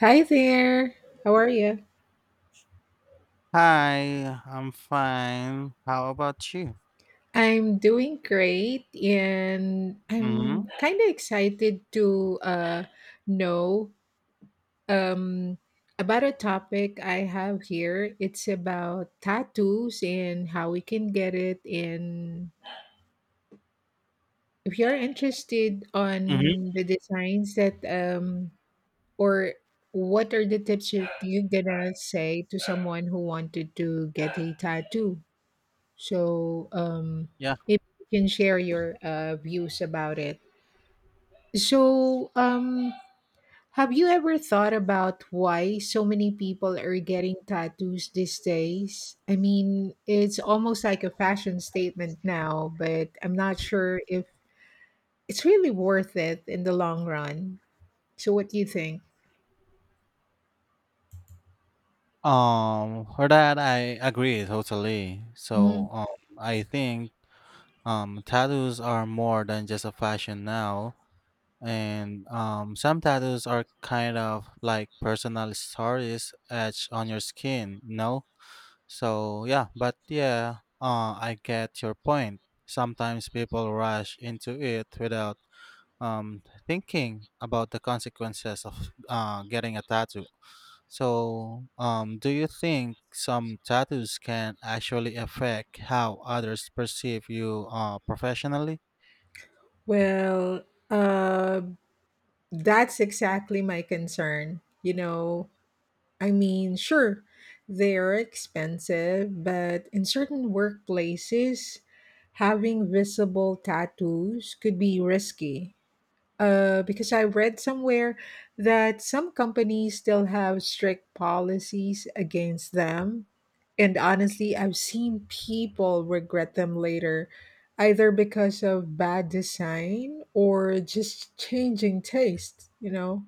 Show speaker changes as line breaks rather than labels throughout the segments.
Hi there. How are you?
Hi, I'm fine. How about you?
I'm doing great and
Mm-hmm.
I'm kind of excited to know um about a topic I have here. It's about tattoos and how we can get it, and if you're interested
Mm-hmm.
on the designs that or what are the tips that you gonna say to someone who wanted to get a tattoo? So, um,
Yeah.
Maybe you can share your views about it. So, um, have you ever thought about why so many people are getting tattoos these days? I mean, it's almost like a fashion statement now, but I'm not sure if it's really worth it in the long run. So, what do you think?
For that I agree totally.
Mm,
I think tattoos are more than just a fashion now, and some tattoos are kind of like personal stories etched on your skin, you know? So yeah, but yeah, I get your point. Sometimes people rush into it without um, thinking about the consequences of getting a tattoo. Do you think some tattoos can actually affect how others perceive you professionally?
well, uh, that's exactly my concern. You know, I mean, sure, they're expensive, but in certain workplaces, having visible tattoos could be risky. Because I read somewhere that some companies still have strict policies against them. And honestly, I've seen people regret them later, either because of bad design or just changing taste, you know?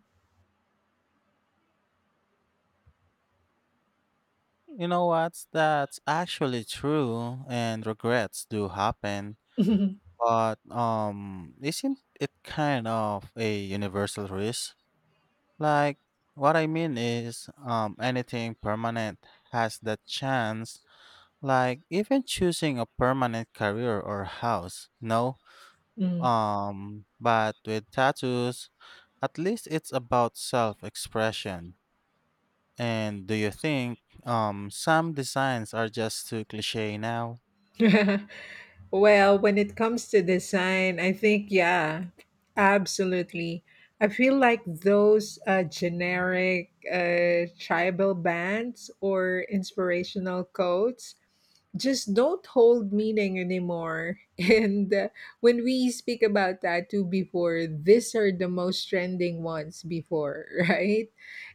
You know what? That's actually true, and regrets do happen. But isn't it kind of a universal risk? Like, what I mean is, anything permanent has that chance. Like even choosing a permanent career or house, no?
Mm.
But with tattoos, at least it's about self-expression. And do you think some designs are just too cliché now?
Well, when it comes to design, I think, yeah, absolutely. I feel like those generic tribal bands or inspirational quotes just don't hold meaning anymore. And when we speak about tattoo before, these are the most trending ones before, right?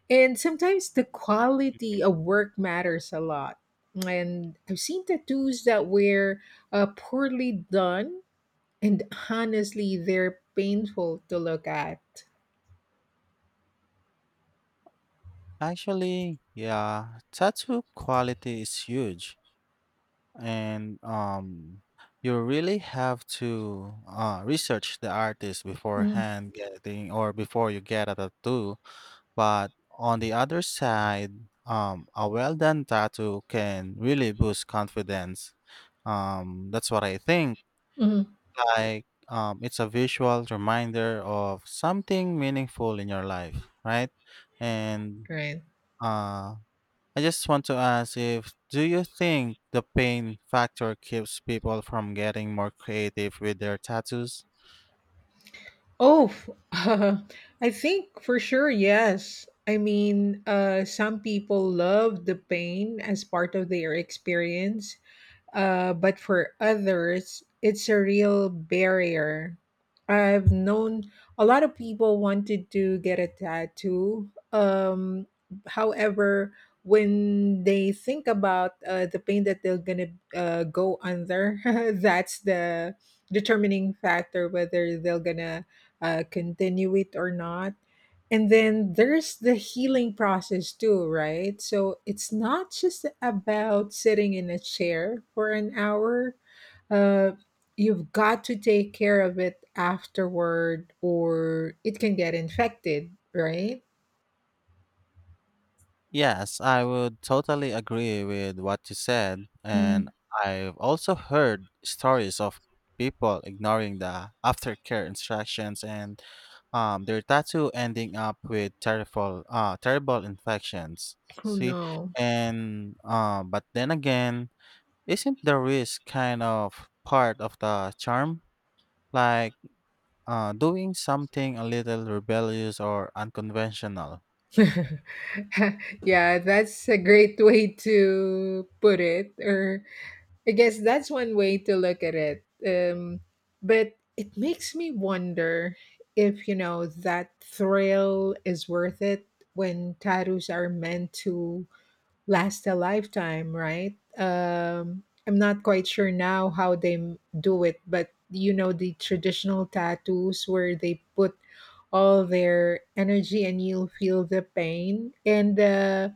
And sometimes the quality of work matters a lot. And I've seen tattoos that were poorly done, and honestly, they're painful to look at.
Actually, yeah, tattoo quality is huge, and you really have to research the artist
Mm,
beforehand getting or before you get a tattoo. But on the other side, a well done tattoo can really boost confidence. That's what I think.
mhm,
Like, it's a visual reminder of something meaningful in your life, right? And
right.
uh, I just want to ask, if do you think the pain factor keeps people from getting more creative with their tattoos?
Oh, f- I think for sure, yes. I mean, some people love the pain as part of their experience, but for others, it's a real barrier. I've known a lot of people wanted to get a tattoo. However, when they think about the pain that they're gonna go under, that's the determining factor whether they're gonna continue it or not. And then there's the healing process too, right? So it's not just about sitting in a chair for an hour. Uh, you've got to take care of it afterward, or it can get infected, right?
Yes, I would totally agree with what you said. And
Mm.
I've also heard stories of people ignoring the aftercare instructions and their tattoo ending up with terrible, terrible infections.
Oh
See?
no.
And, but then again, isn't the risk kind of part of the charm? Like doing something a little rebellious or unconventional?
Yeah, that's a great way to put it. Or I guess that's one way to look at it. But it makes me wonder if, you know, that thrill is worth it when tattoos are meant to last a lifetime, right? I'm not quite sure now how they do it, but you know, the traditional tattoos where they put all their energy and you'll feel the pain. And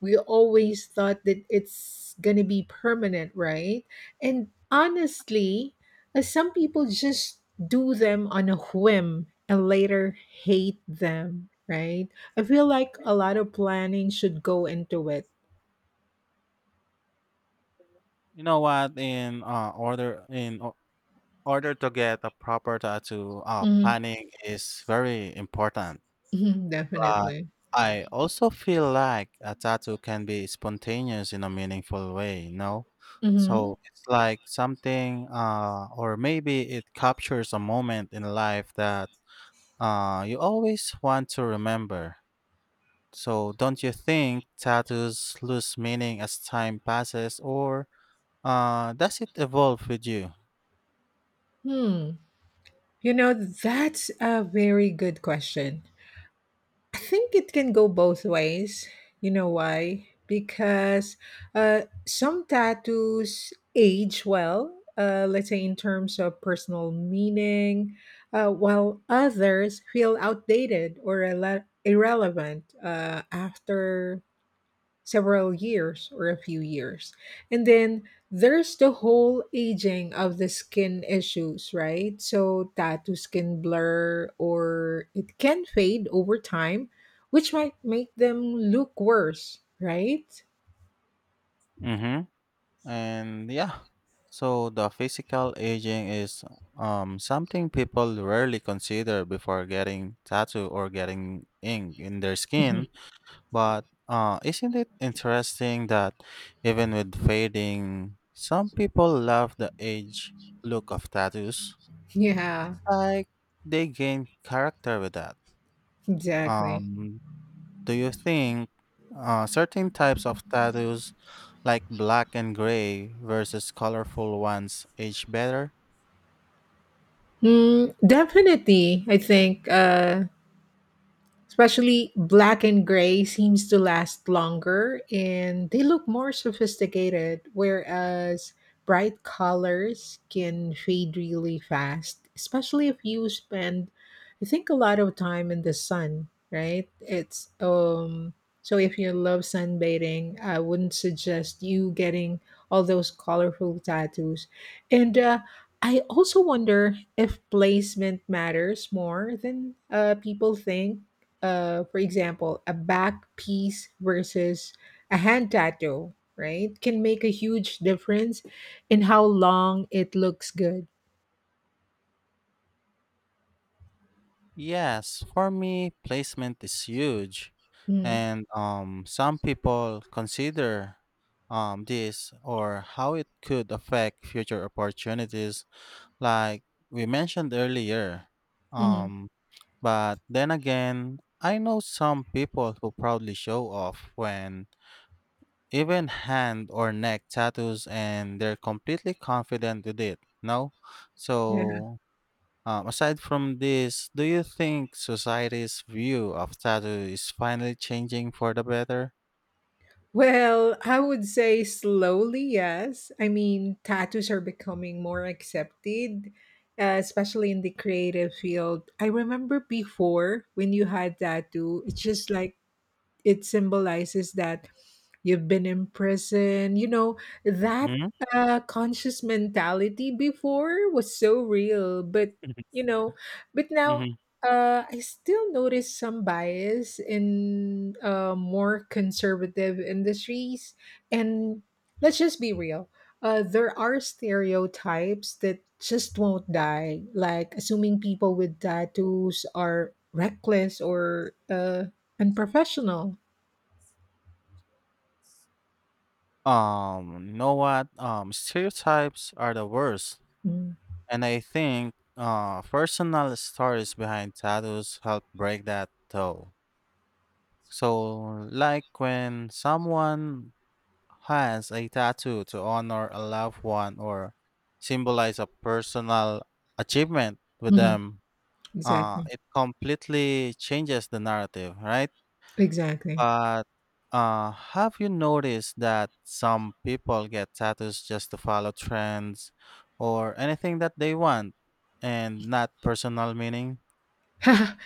we always thought that it's going to be permanent, right? And honestly, some people just do them on a whim and later hate them, right? I feel like a lot of planning should go into it.
You know what? In order to get a proper tattoo,
Mhm,
planning is very important.
mhm,
But
definitely.
I also feel like a tattoo can be spontaneous in a meaningful way. You know,
Mhm,
so it's like something, or maybe it captures a moment in life that you always want to remember. So don't you think tattoos lose meaning as time passes, or does it evolve with you?
hmm. You know, that's a very good question. I think it can go both ways. You know why? Because uh, some tattoos age well, let's say in terms of personal meaning, while others feel outdated or irrelevant after several years or a few years. And then there's the whole aging of the skin issues, right? So tattoos can blur or it can fade over time, which might make them look worse, right?
Mm-hmm. And yeah, so the physical aging is something people rarely consider before getting tattoo or getting ink in their
Mhm.
skin. But isn't it interesting that even with fading, some people love the age look of tattoos?
Yeah,
Like they gain character with that.
exactly.
Um, Do you think certain types of tattoos, like black and gray versus colorful ones, age better?
Mm, definitely, I think. Especially black and gray seems to last longer and they look more sophisticated, whereas bright colors can fade really fast, especially if you spend I think a lot of time in the sun, right? it's So if you love sunbathing, I wouldn't suggest you getting all those colorful tattoos. And I also wonder if placement matters more than people think, for example, a back piece versus a hand tattoo, right, can make a huge difference in how long it looks good.
Yes, for me, placement is huge.
Mm,
And some people consider this, or how it could affect future opportunities, like we mentioned earlier.
mm,
Um, but then again, I know some people who proudly show off when. Even hand or neck tattoos, and they're completely confident with it. No?
yeah.
So, aside from this, do you think society's view of tattoo is finally changing for the better?
Well, I would say slowly, yes. I mean, tattoos are becoming more accepted, especially in the creative field. I remember before when you had tattoo, it's just like it symbolizes that you've been in prison. You know, that
hmm
conscious mentality before was so real, but you know, but now
hmm
I still notice some bias in more conservative industries. And let's just be real, there are stereotypes that just won't die, like assuming people with tattoos are reckless or unprofessional.
You know what? Stereotypes are the worst,
Mm,
and I think personal stories behind tattoos help break that though. So, like when someone has a tattoo to honor a loved one or symbolize a personal achievement with
mhm,
them,
exactly.
it completely changes the narrative, right?
Exactly.
But have you noticed that some people get tattoos just to follow trends or anything that they want and not personal meaning?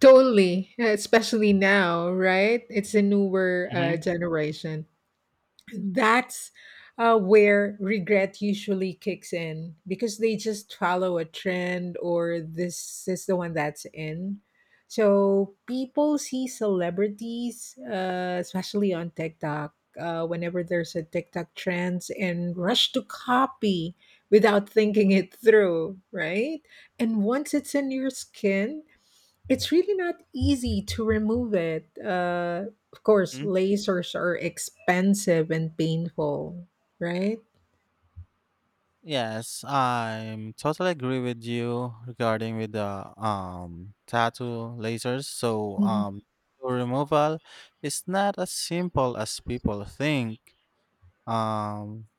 Totally, especially now, right? It's a newer
hmm
generation. That's where regret usually kicks in because they just follow a trend or this is the one that's in. So people see celebrities, especially on TikTok, whenever there's a TikTok trends and rush to copy without thinking it through, right? And once it's in your skin, it's really not easy to remove it. Of course, lasers are expensive and painful, right?
Yes, I'm totally agree with you regarding with the tattoo lasers. So
Hmm.
tattoo removal is not as simple as people think. Um,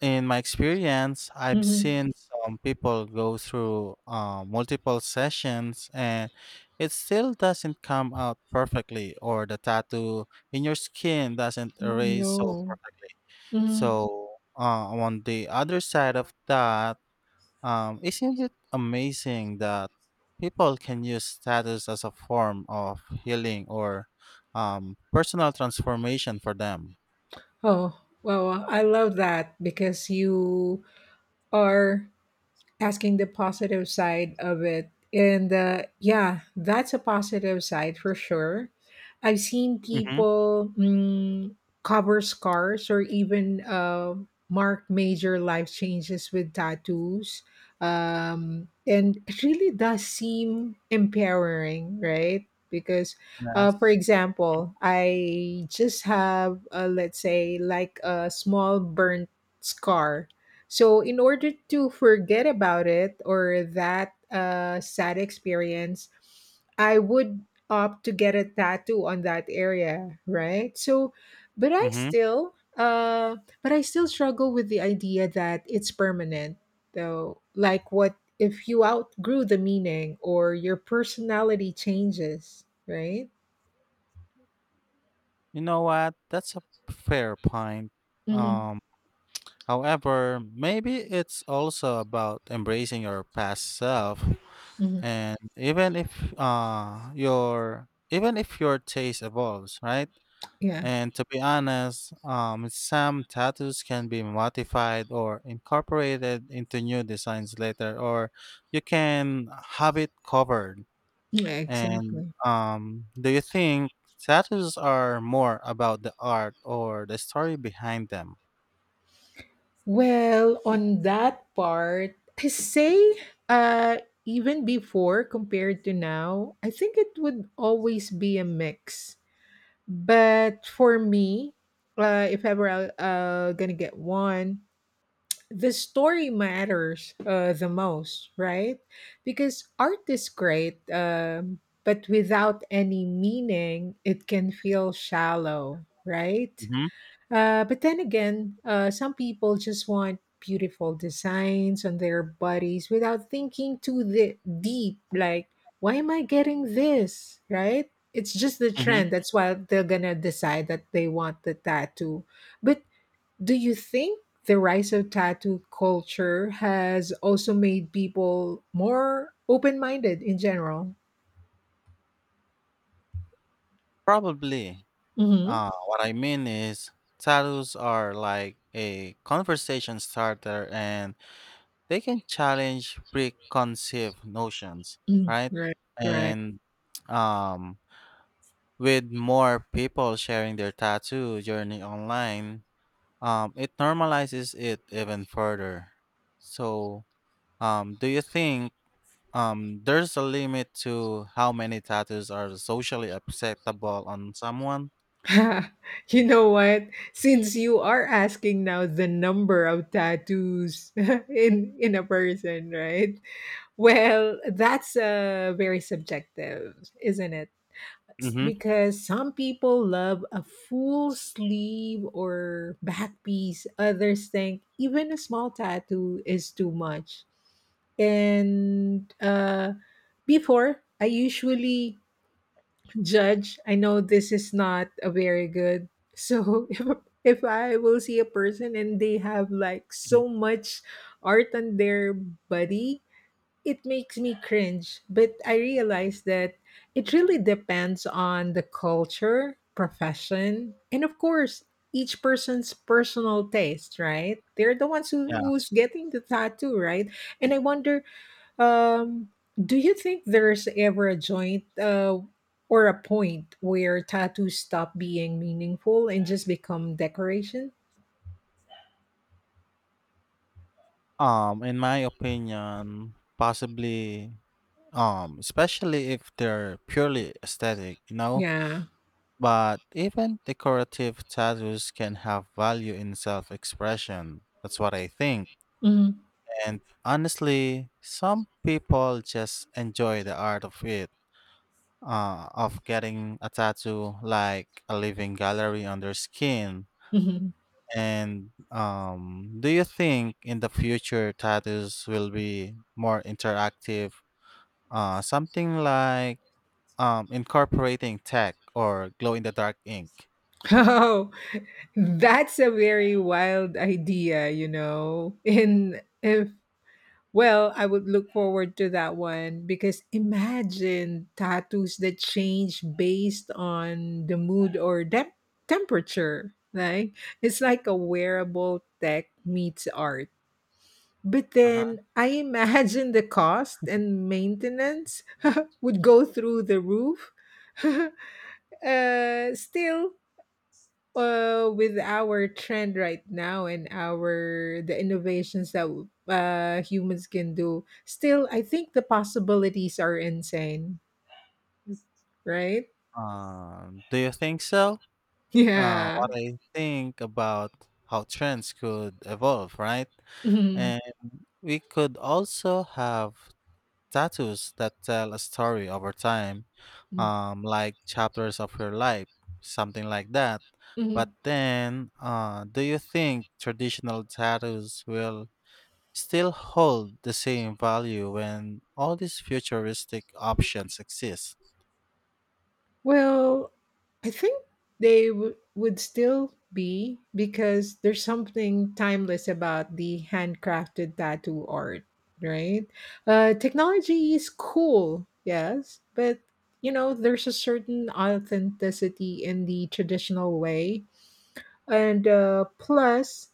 in my experience, I've
Hmm.
seen some people go through multiple sessions and it still doesn't come out perfectly, or the tattoo in your skin doesn't
Oh,
erase
no.
so perfectly.
Hmm.
So uh, on the other side of that, isn't it amazing that people can use status as a form of healing or personal transformation for them?
Oh, well, I love that because you are asking the positive side of it. And yeah, that's a positive side for sure. I've seen
hmm
people mm, cover scars or even mark major life changes with tattoos. And it really does seem empowering, right? Because, for
Yes.
example, I just have, let's say, like a small burnt scar, so in order to forget about it or that sad experience, I would opt to get a tattoo on that area, right? So, but I
Mm-hmm.
still, uh, but I still struggle with the idea that it's permanent, though. Like, what if you outgrew the meaning or your personality changes, right?
You know what? That's a fair point.
Mm-hmm.
Um, however, maybe it's also about embracing your past self,
Mm-hmm.
and even if your taste evolves, right?
Yeah.
And to be honest, some tattoos can be modified or incorporated into new designs later, or you can have it covered.
Yeah.
And
Exactly.
do you think tattoos are more about the art or the story behind them?
Well, on that part, I say, uh, even before compared to now, I think it would always be a mix. But for me, if ever I gonna get one, the story matters the most, right? Because art is great, but without any meaning, it can feel shallow, right?
hmm
But then again, some people just want beautiful designs on their bodies without thinking too the deep. Like, why am I getting this? Right? It's just the
hmm
trend. That's why they're gonna decide that they want the tattoo. But do you think the rise of tattoo culture has also made people more open-minded in general?
Probably.
Mm-hmm.
What I mean is, tattoos are like a conversation starter and they can challenge preconceived notions,
Mm-hmm.
right?
Right. Right.
And um, with more people sharing their tattoo journey online, it normalizes it even further. So, do you think there's a limit to how many tattoos are socially acceptable on someone?
You know what? Since you are asking now the number of tattoos in a person, right? Well, that's very subjective, isn't it? S-
Mm-hmm.
Because some people love a full sleeve or back piece. Others think even a small tattoo is too much. And before, I usually judge. I know this is not a very good. So if I will see a person and they have like so much art on their body, it makes me cringe. But I realize that it really depends on the culture, profession, and of course each person's personal taste, right? They're the ones who,
Yeah.
who's getting the tattoo, right? And I wonder, um, do you think there's ever a joint or a point where tattoos stop being meaningful and just become decoration?
In my opinion, possibly especially if they're purely aesthetic, you know.
Yeah.
But even decorative tattoos can have value in self expression. That's what I think.
Mhm.
And honestly, some people just enjoy the art of it, of getting a tattoo like a living gallery on their skin.
Mhm.
And do you think in the future tattoos will be more interactive? Something like incorporating tech or glow in the dark ink?
Oh, that's a very wild idea, you know. And if— well, I would look forward to that one because imagine tattoos that change based on the mood or temperature. Like, it's like a wearable tech meets art. But
Uh-huh.
then I imagine the cost and maintenance would go through the roof. Still, with our trend right now and our the innovations that humans can do still, I think the possibilities are insane, right?
Do you think so?
Yeah.
What I think about how trends could evolve, right?
Mhm.
And we could also have tattoos that tell a story over time, like chapters of your life, something like that. But
Mhm.
then, do you think traditional tattoos will still hold the same value when all these futuristic options exist?
Well, I think they would still be because there's something timeless about the handcrafted tattoo art, right? Technology is cool, yes, but you know, there's a certain authenticity in the traditional way. And plus,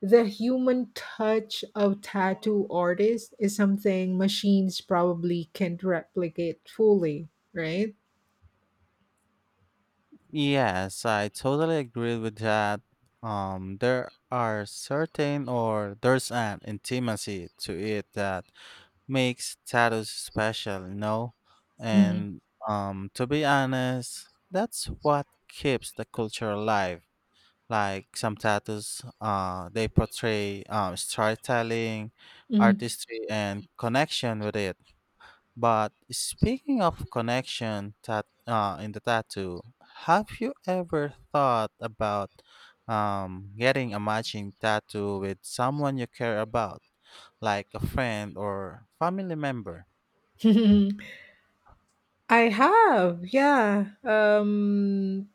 the human touch of tattoo artists is something machines probably can't replicate fully, right?
Yes, I totally agree with that. There are certain, or there's an intimacy to it that makes tattoos special, you know?
Mhm.
And to be honest, that's what keeps the culture alive. Like some tattoos, they portray storytelling,
Mhm.
artistry, and connection with it. But speaking of connection in the tattoo, have you ever thought about getting a matching tattoo with someone you care about, like a friend or family member?
I have, yeah.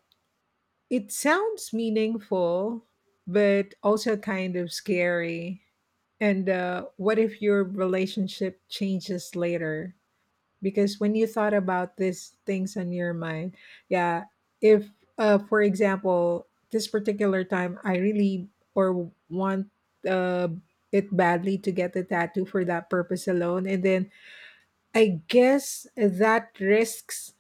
It sounds meaningful, but also kind of scary. And what if your relationship changes later? Because when you thought about these things on your mind, yeah, if, for example, this particular time I really or want uh, it badly to get the tattoo for that purpose alone, and then I guess that risks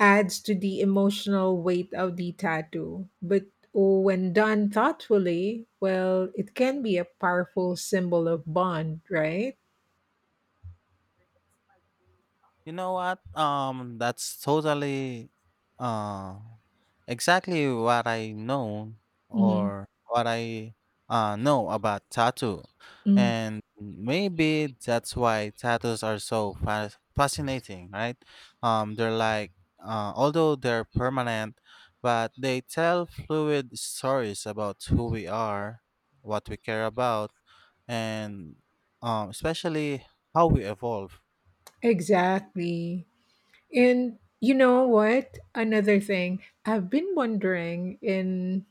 adds to the emotional weight of the tattoo. But oh, when done thoughtfully, well, it can be a powerful symbol of bond, right?
You know what? That's totally uh, exactly what I know
Hmm.
or what I know about tattoo.
Mm,
And maybe that's why tattoos are so fascinating, right? They're like, although they're permanent, but they tell fluid stories about who we are, what we care about, and especially how we evolve.
exactly. And you know what? Another thing I've been wondering in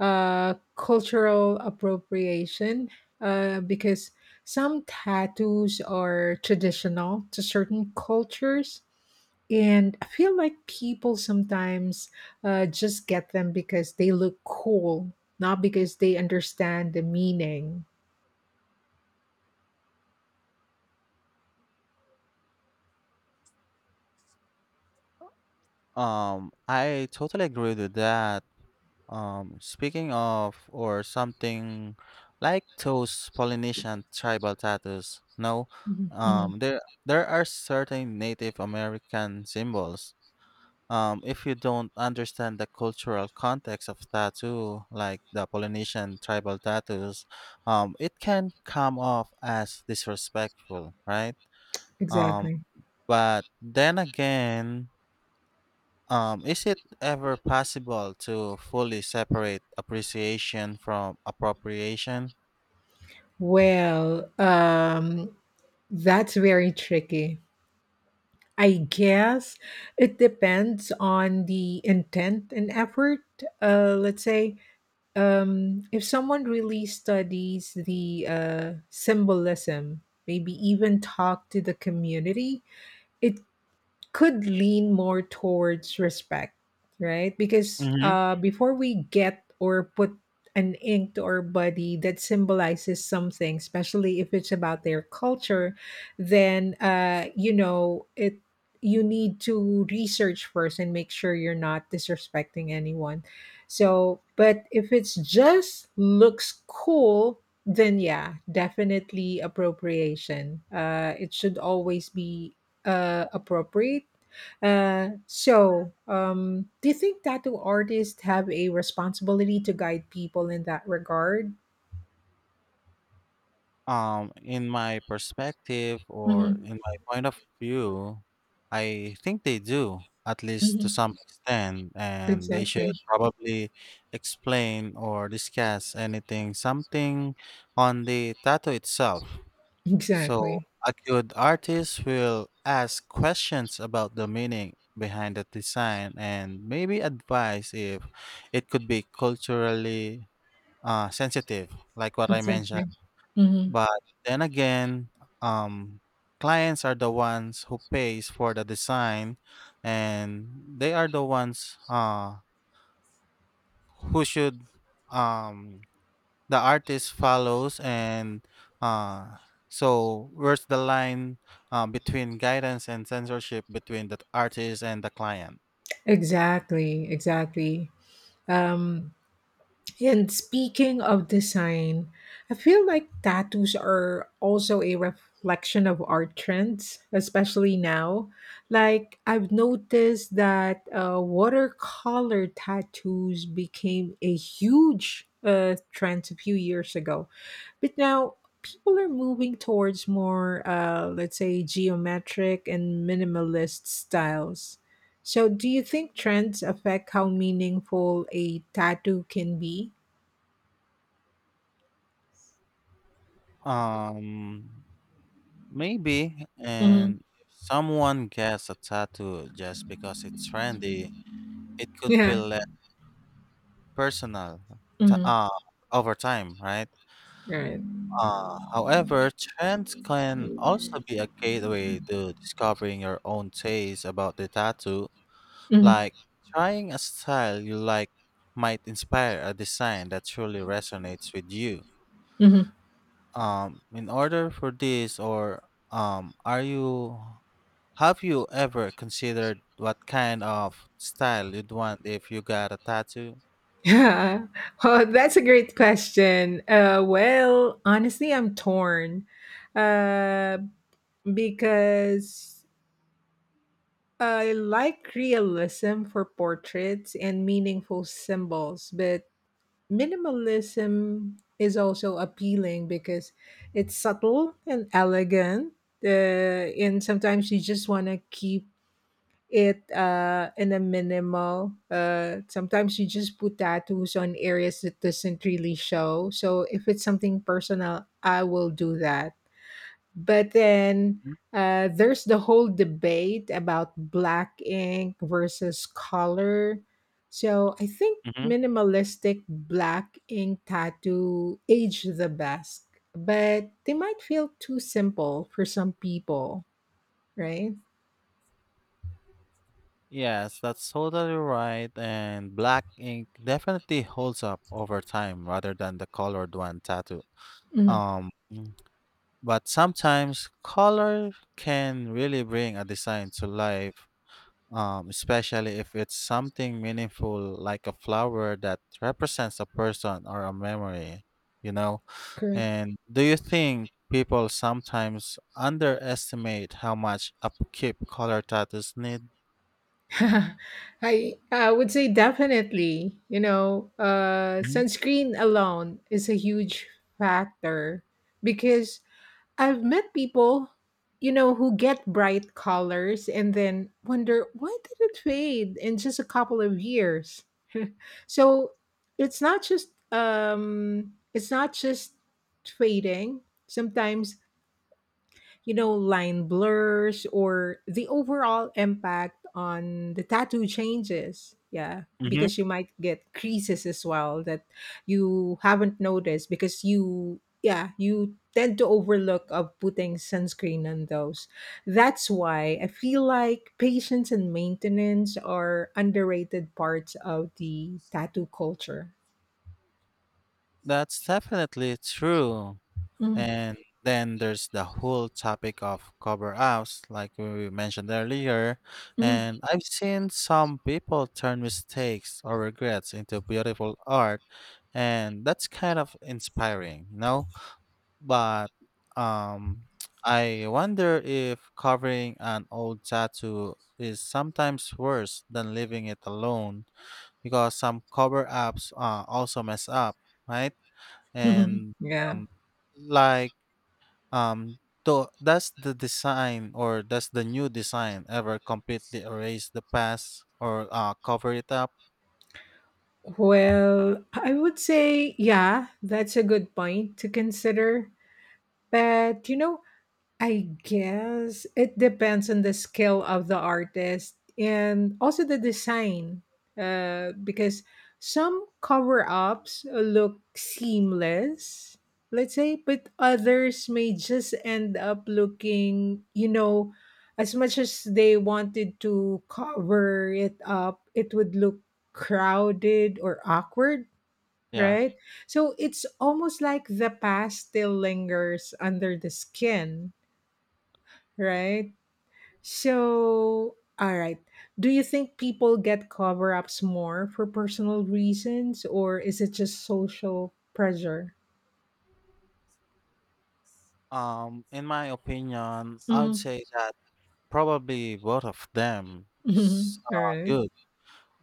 cultural appropriation because some tattoos are traditional to certain cultures. And I feel like people sometimes just get them because they look cool, not because they understand the meaning.
I totally agree with that. Speaking of, or something like those Polynesian tribal tattoos, no,
Mhm, mhm,
there are certain Native American symbols. If you don't understand the cultural context of tattoo, like the Polynesian tribal tattoos, it can come off as disrespectful, right? Um,
exactly.
but then again, is it ever possible to fully separate appreciation from appropriation?
Well, that's very tricky. I guess it depends on the intent and effort. Let's say if someone really studies the symbolism, maybe even talk to the community, it could lean more towards respect, right? Because
hmm
before we get or put an ink to our body that symbolizes something, especially if it's about their culture, then you know it. You need to research first and make sure you're not disrespecting anyone. So, but if it's just looks cool, then yeah, definitely appropriation. It should always be appropriate. Do you think tattoo artists have a responsibility to guide people in that regard?
In my perspective, or
Hmm.
in my point of view, I think they do, at least to
Hmm.
some extent, and they should
Exactly.
probably explain or discuss anything, something on the tattoo itself. So,
Exactly.
a good artist will ask questions about the meaning behind the design and maybe advise if it could be culturally sensitive, like what I mentioned.
Exactly. Hmm.
But then again, um, clients are the ones who pays for the design, and they are the ones who should, um, the artist follows, and uh so where's the line between guidance and censorship between the artist and the client?
Exactly. Exactly. Um, And speaking of design, I feel like tattoos are also a reflection of art trends, especially now. Like, I've noticed that watercolor tattoos became a huge trend a few years ago. But now, people are moving towards more, let's say, geometric and minimalist styles. So, do you think trends affect how meaningful a tattoo can be?
um Maybe,
Mhm.
and if someone gets a tattoo just because it's trendy, it could
Yeah.
feel less personal to,
Mhm.
over time, right?
Right.
Uh, however, trends can also be a gateway to discovering your own taste about the tattoo.
Mhm.
Like, trying a style you like might inspire a design that truly resonates with you.
Mhm.
In order for this, or are you have you ever considered what kind of style you'd want if you got a tattoo?
Yeah. Well, that's a great question. Well, honestly, I'm torn, uh, because I like realism for portraits and meaningful symbols, but minimalism is also appealing because it's subtle and elegant. Uh, and sometimes you just want to keep it in a minimal. Sometimes you just put tattoos on areas that doesn't really show. So if it's something personal, I will do that. But then, there's the whole debate about black ink versus color. So I think
Mm-hmm.
minimalistic black ink tattoo age the best, but they might feel too simple for some people, right?
Yes, that's totally right. And black ink definitely holds up over time rather than the colored one tattoo.
Mhm.
Um, But sometimes color can really bring a design to life, especially if it's something meaningful like a flower that represents a person or a memory, you know?
Correct.
And do you think people sometimes underestimate how much upkeep color tattoos need?
I would say definitely. You know, sunscreen alone is a huge factor because I've met people, you know, who get bright colors and then wonder why did it fade in just a couple of years. So it's not just fading. Sometimes, you know, line blurs or the overall impact on the tattoo changes. Yeah,
Mm-hmm.
because you might get creases as well that you haven't noticed because you, yeah, you tend to overlook of putting sunscreen on those. That's why I feel like patience and maintenance are underrated parts of the tattoo culture.
That's definitely true.
Mhm.
And then there's the whole topic of cover ups, like we mentioned earlier.
Mhm.
And I've seen some people turn mistakes or regrets into beautiful art, and that's kind of inspiring, you know? But um, I wonder if covering an old tattoo is sometimes worse than leaving it alone, because some cover ups also mess up, right? And
Yeah.
um, like, um, does the design, or does the new design ever completely erase the past, or cover it up?
Well, I would say, yeah, that's a good point to consider. But, I guess it depends on the skill of the artist and also the design. Because some cover ups look seamless, let's say, but others may just end up looking, as much as they wanted to cover it up, it would look crowded or awkward,
Yeah.
right? So it's almost like the past still lingers under the skin. Right? So, all right. Do you think people get cover ups more for personal reasons or is it just social pressure?
In my opinion, I would
Mhm.
say that probably both of them is
Mhm. All right.
good.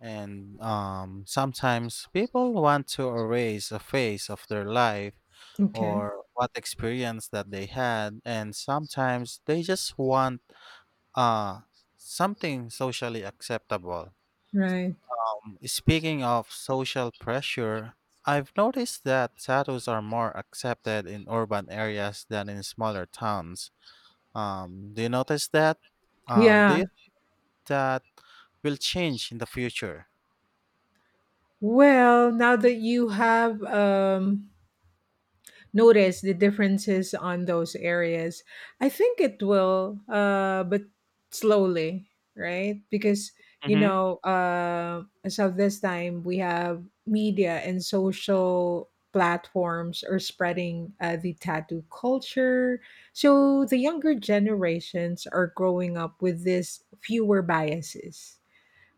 And sometimes people want to erase a phase of their life
Okay.
or what experience that they had, and sometimes they just want uh, something socially acceptable.
Right.
Speaking of social pressure, I've noticed that tattoos are more accepted in urban areas than in smaller towns. Do you notice that? Do
Yeah.
you think that will change in the future?
Well, now that you have notice the differences on those areas, I think it will, but slowly, right? Because you
hmm
know uh so this time we have media and social platforms are spreading the tattoo culture, so the younger generations are growing up with this fewer biases,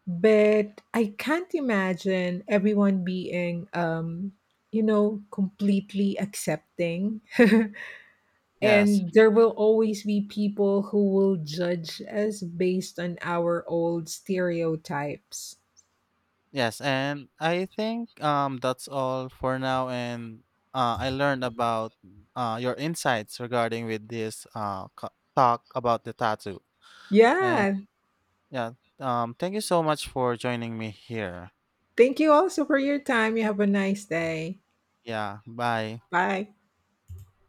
but I can't imagine everyone being, you know, completely accepting.
Yes,
And there will always be people who will judge us based on our old stereotypes.
yes, and I think that's all for now. And I learned about your insights regarding with this talk about the tattoo. And
Yeah.
yeah, thank you so much for joining me here.
Thank you also for your time. You have a nice day.
Yeah, bye.
Bye.